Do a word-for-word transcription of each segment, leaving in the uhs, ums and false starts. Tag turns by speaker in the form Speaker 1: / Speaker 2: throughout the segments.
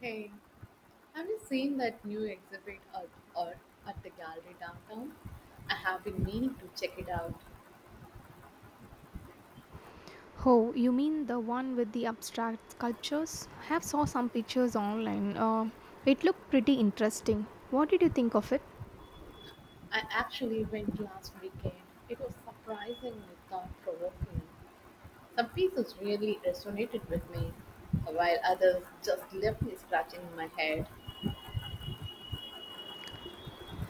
Speaker 1: Hey, have you seen that new exhibit at, or at the gallery downtown? I have been meaning to check it out.
Speaker 2: Oh, you mean the one with the abstract sculptures? I have saw some pictures online. Uh, it looked pretty interesting. What did you think of it?
Speaker 1: I actually went last weekend. It was surprisingly thought provoking. Some pieces really resonated with me, while others just left me scratching my head.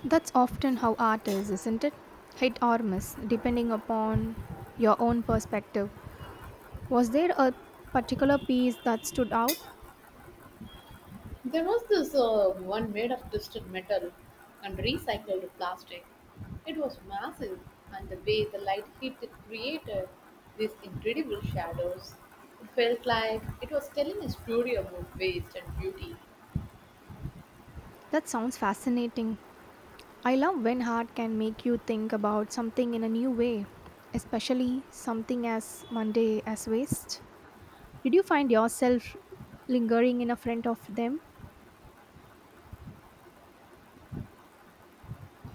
Speaker 2: That's often how art is, isn't it? Hit or miss, depending upon your own perspective. Was there a particular piece that stood out?
Speaker 1: There was this uh, one made of twisted metal and recycled plastic. It was massive, and the way the light hit it created these incredible shadows. It felt like it was telling a story about waste and beauty.
Speaker 2: That sounds fascinating. I love when art can make you think about something in a new way, especially something as mundane as waste. Did you find yourself lingering in a front of them?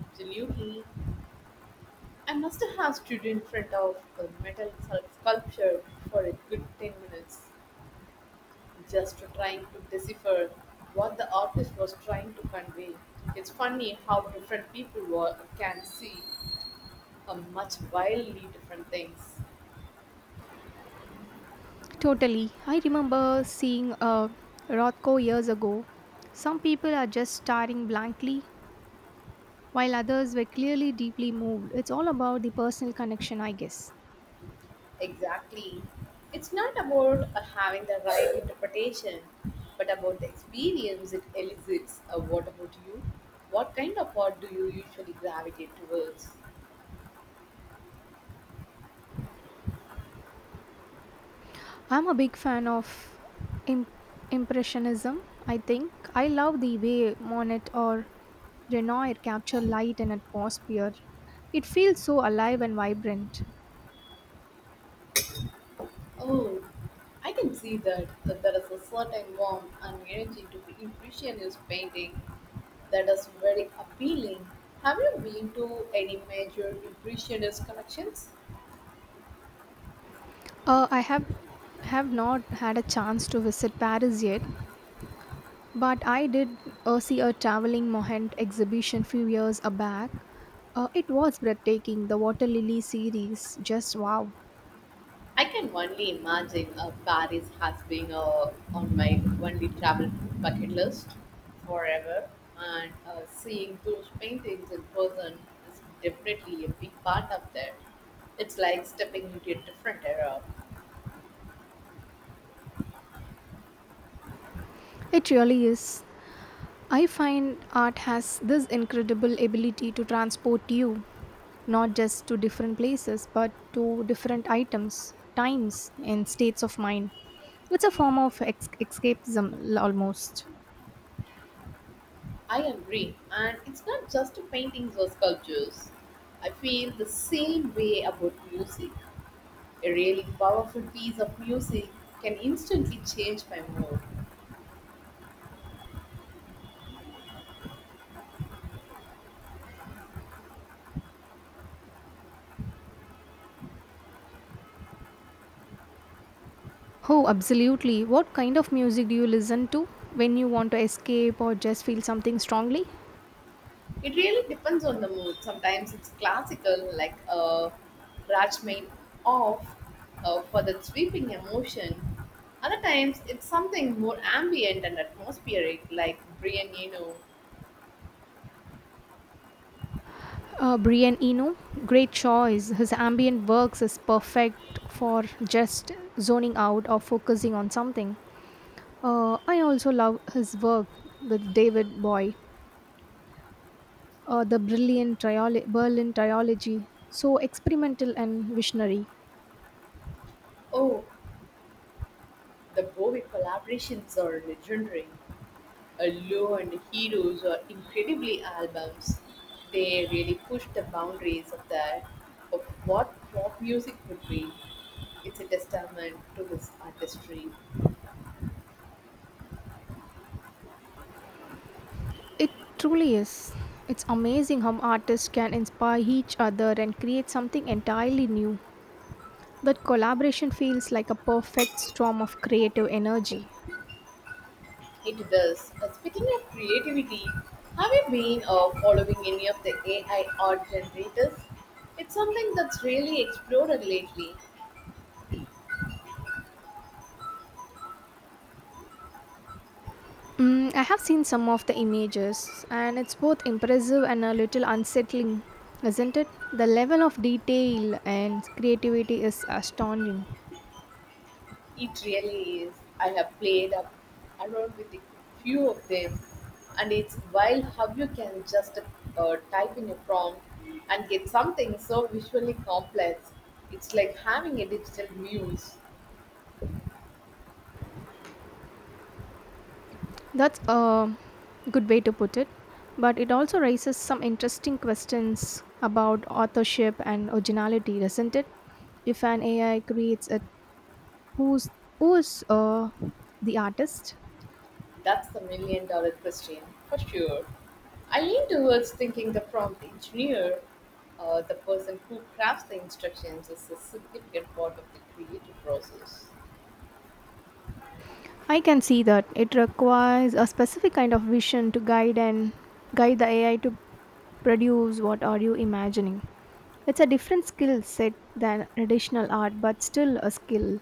Speaker 1: Absolutely. I must have stood in front of the metal sculpture for a good ten minutes, just trying to decipher what the artist was trying to convey. It's funny how different people were, can see a much wildly different things.
Speaker 2: Totally. I remember seeing a Rothko years ago. Some people are just staring blankly, while others were clearly deeply moved. It's all about the personal connection, I guess.
Speaker 1: Exactly. It's not about uh, having the right interpretation, but about the experience it elicits. Uh, what about you? What kind of art do you usually gravitate towards?
Speaker 2: I'm a big fan of imp- Impressionism, I think. I love the way Monet or Renoir capture light and atmosphere. It feels so alive and vibrant.
Speaker 1: Oh, I can see that, that there is a certain warmth and energy to the impressionist painting that is very appealing. Have you been to any major impressionist collections?
Speaker 2: Uh, I have have not had a chance to visit Paris yet, but I did uh, see a traveling Mohand exhibition few years back. Uh, it was breathtaking. The water lily series, just wow!
Speaker 1: I can only imagine, uh, Paris has been, uh, on my only travel bucket list forever, and uh, seeing those paintings in person is definitely a big part of that. It's like stepping into a different era.
Speaker 2: It really is. I find art has this incredible ability to transport you, not just to different places, but to different items, times, and states of mind. It's a form of ex- escapism almost.
Speaker 1: I agree, and it's not just paintings or sculptures. I feel the same way about music. A really powerful piece of music can instantly change my mood.
Speaker 2: Oh, absolutely. What kind of music do you listen to when you want to escape or just feel something strongly?
Speaker 1: It really depends on the mood. Sometimes it's classical, like a Rachmain off, uh, for that sweeping emotion. Other times it's something more ambient and atmospheric, like Brian Eno.
Speaker 2: Uh, Brian Eno, great choice. His ambient works is perfect for just zoning out or focusing on something. Uh, I also love his work with David Bowie, uh, the brilliant triolo- Berlin trilogy. So experimental and visionary.
Speaker 1: Oh, the Bowie collaborations are legendary. Uh, Low and Heroes are incredibly albums. They really push the boundaries of that of what pop music could be. It's a testament to his artistry.
Speaker 2: It truly is. It's amazing how artists can inspire each other and create something entirely new. That collaboration feels like a perfect storm of creative energy.
Speaker 1: It does. Uh, speaking of creativity, have you been uh, following any of the A I art generators? It's something that's really exploded lately.
Speaker 2: Mm, I have seen some of the images, and it's both impressive and a little unsettling, isn't it? The level of detail and creativity is astonishing.
Speaker 1: It really is. I have played up around with a few of them, and it's wild how you can just uh, type in a prompt and get something so visually complex. It's like having a digital muse.
Speaker 2: That's a good way to put it, but it also raises some interesting questions about authorship and originality, doesn't it? If an A I creates it, who's who's uh, the artist?
Speaker 1: That's the million dollar question, for sure. I lean towards thinking the prompt engineer, uh, the person who crafts the instructions, is a significant part of the creative process.
Speaker 2: I can see that it requires a specific kind of vision to guide and guide the A I to produce what are you imagining. It's a different skill set than traditional art, but still a skill.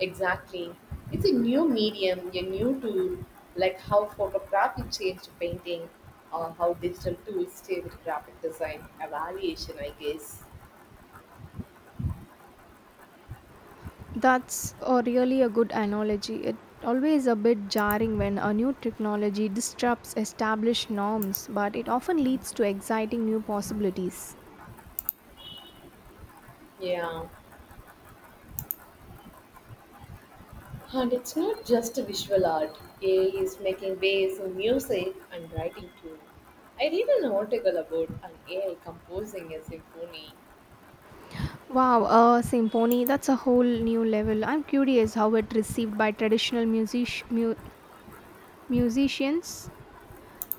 Speaker 1: Exactly. It's a new medium, a new tool, like how photography changed painting, or how digital tools stay with graphic design evaluation, I guess.
Speaker 2: That's a really a good analogy. It always a bit jarring when a new technology disrupts established norms, but it often leads to exciting new possibilities.
Speaker 1: Yeah. And it's not just visual art. A I is making waves in music and writing too. I read an article about an A I composing a symphony.
Speaker 2: Wow, a symphony, that's a whole new level. I'm curious how it received by traditional music mu- musicians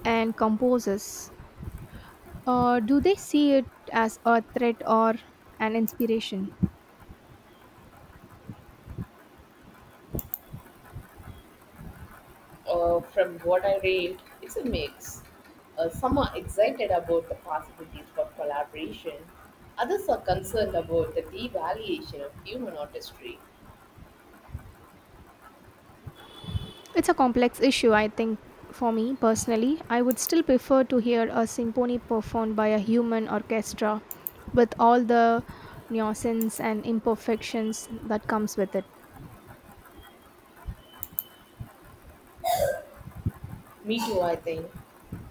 Speaker 2: and composers, uh, do they see it as a threat or an inspiration?
Speaker 1: Uh, from what I read, it's a mix. Uh, some are excited about the possibilities for collaboration. Others are concerned about the devaluation of human artistry.
Speaker 2: It's a complex issue, I think. For me personally, I would still prefer to hear a symphony performed by a human orchestra with all the nuances and imperfections that comes with it.
Speaker 1: Me too, I think.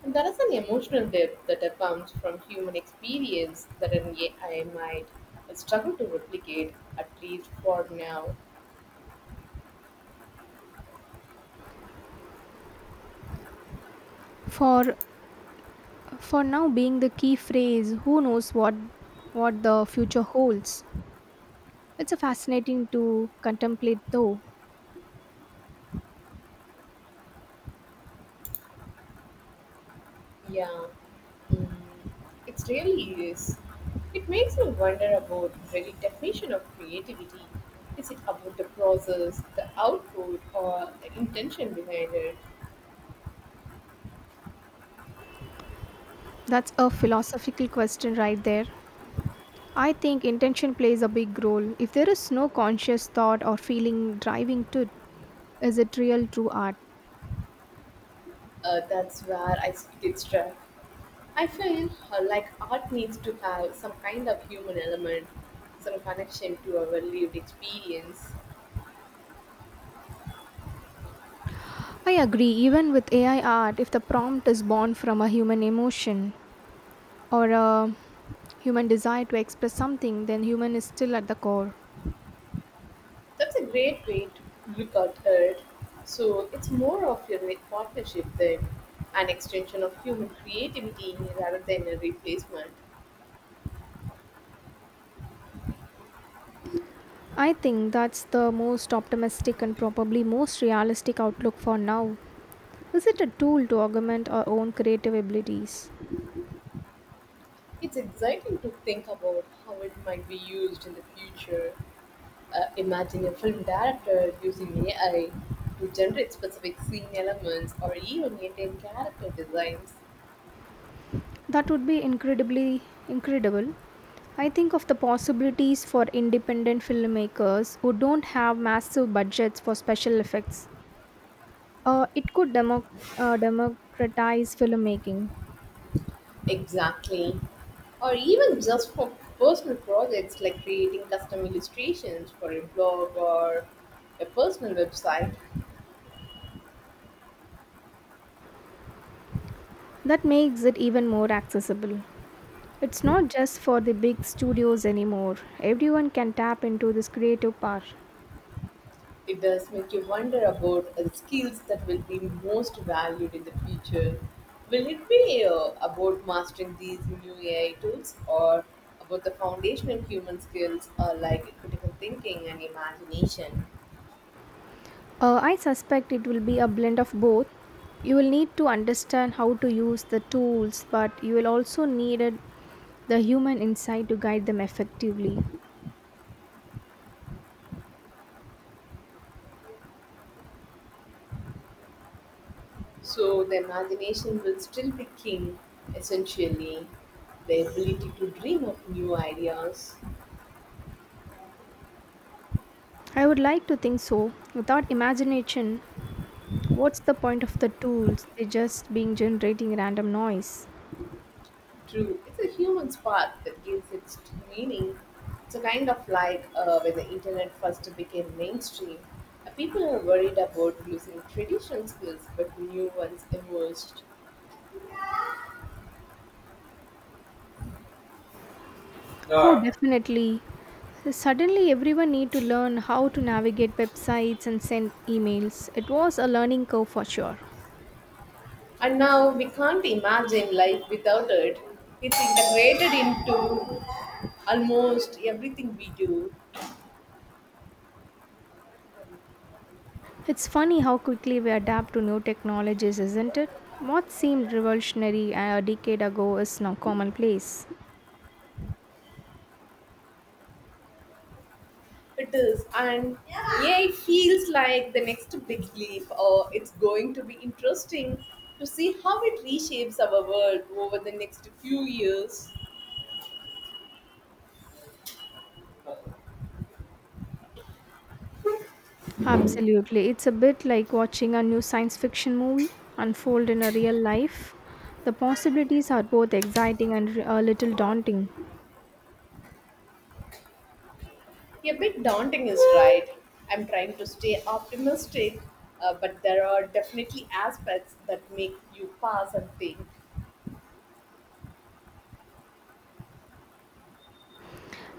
Speaker 1: And there is an emotional depth that uh, comes from human experience that an A I might struggle to replicate, at least for now.
Speaker 2: For for now being the key phrase. Who knows what what the future holds? It's a fascinating to contemplate though.
Speaker 1: Yeah, mm, it really is. It makes me wonder about the very definition of creativity. Is it about the process, the output, or the intention behind it?
Speaker 2: That's a philosophical question right there. I think intention plays a big role. If there is no conscious thought or feeling driving to it, is it real true art?
Speaker 1: Uh, that's where I s- get struck. I feel uh, like art needs to have some kind of human element, some connection to our lived experience.
Speaker 2: I agree, even with A I art, if the prompt is born from a human emotion or a human desire to express something, then human is still at the core.
Speaker 1: That's a great way to look at it. So it's more of a re- partnership than an extension of human creativity rather than a replacement.
Speaker 2: I think that's the most optimistic and probably most realistic outlook for now. Is it a tool to augment our own creative abilities?
Speaker 1: It's exciting to think about how it might be used in the future. Uh, imagine a film director using A I to generate specific scene elements or even maintain character designs.
Speaker 2: That would be incredibly incredible. I think of the possibilities for independent filmmakers who don't have massive budgets for special effects. Uh, it could demo- uh, democratize filmmaking.
Speaker 1: Exactly. Or even just for personal projects, like creating custom illustrations for a blog or a personal website.
Speaker 2: That makes it even more accessible. It's not just for the big studios anymore. Everyone can tap into this creative power.
Speaker 1: It does make you wonder about uh, skills that will be most valued in the future. Will it be uh, about mastering these new A I tools or about the foundational human skills, uh, like critical thinking and imagination?
Speaker 2: Uh, I suspect it will be a blend of both. You will need to understand how to use the tools, but you will also need it- the human insight to guide them effectively.
Speaker 1: So the imagination will still be king, essentially. The ability to dream of new ideas.
Speaker 2: I would like to think so. Without imagination, what's the point of the tools? They're just being generating random noise.
Speaker 1: True, it's a human spark that gives it meaning. It's a kind of like, uh, when the internet first became mainstream. Uh, People are worried about losing traditional skills, but new ones emerged.
Speaker 2: Oh,
Speaker 1: Yeah.
Speaker 2: definitely. Suddenly, everyone need to learn how to navigate websites and send emails. It was a learning curve for sure.
Speaker 1: And now we can't imagine life without it. It's integrated into almost everything we do.
Speaker 2: It's funny how quickly we adapt to new technologies, isn't it? What seemed revolutionary a decade ago is now commonplace.
Speaker 1: It is, and yeah, it feels like the next big leap, or it's going to be interesting to see how it reshapes our world over the next few years. A
Speaker 2: Absolutely. It's a bit like watching a new science fiction movie unfold in a real life. The possibilities are both exciting and a little daunting.
Speaker 1: bit daunting is right. I'm trying to stay optimistic, uh, but there are definitely aspects that make you pause and think.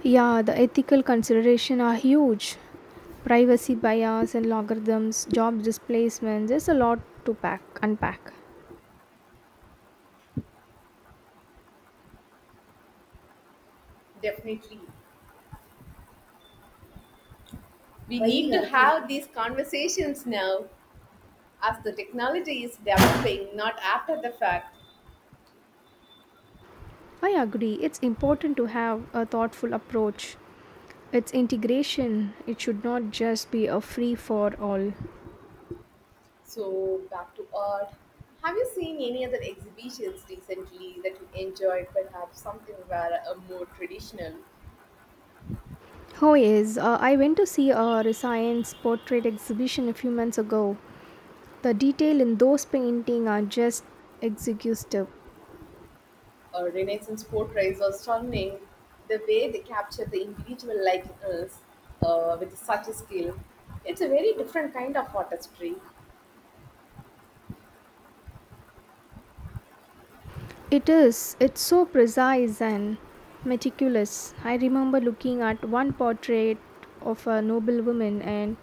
Speaker 2: Yeah, the ethical considerations are huge. Privacy bias and logarithms, job displacement, there's a lot to pack unpack.
Speaker 1: Definitely. We need to have these conversations now, as the technology is developing, not after the fact.
Speaker 2: I agree, it's important to have a thoughtful approach. It's integration. It should not just be a free for all.
Speaker 1: So, back to art. Have you seen any other exhibitions recently that you enjoyed, perhaps something where a more traditional
Speaker 2: Oh, yes. Uh, I went to see a Rescience portrait exhibition a few months ago. The detail in those paintings are just exquisite.
Speaker 1: or Renaissance portraits are stunning? The way they capture the individual likeness, uh, with such a skill, it's a very different kind of artistry.
Speaker 2: It is. It's so precise and meticulous. I remember looking at one portrait of a noble woman, and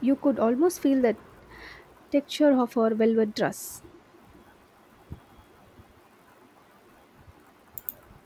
Speaker 2: you could almost feel the texture of her velvet dress.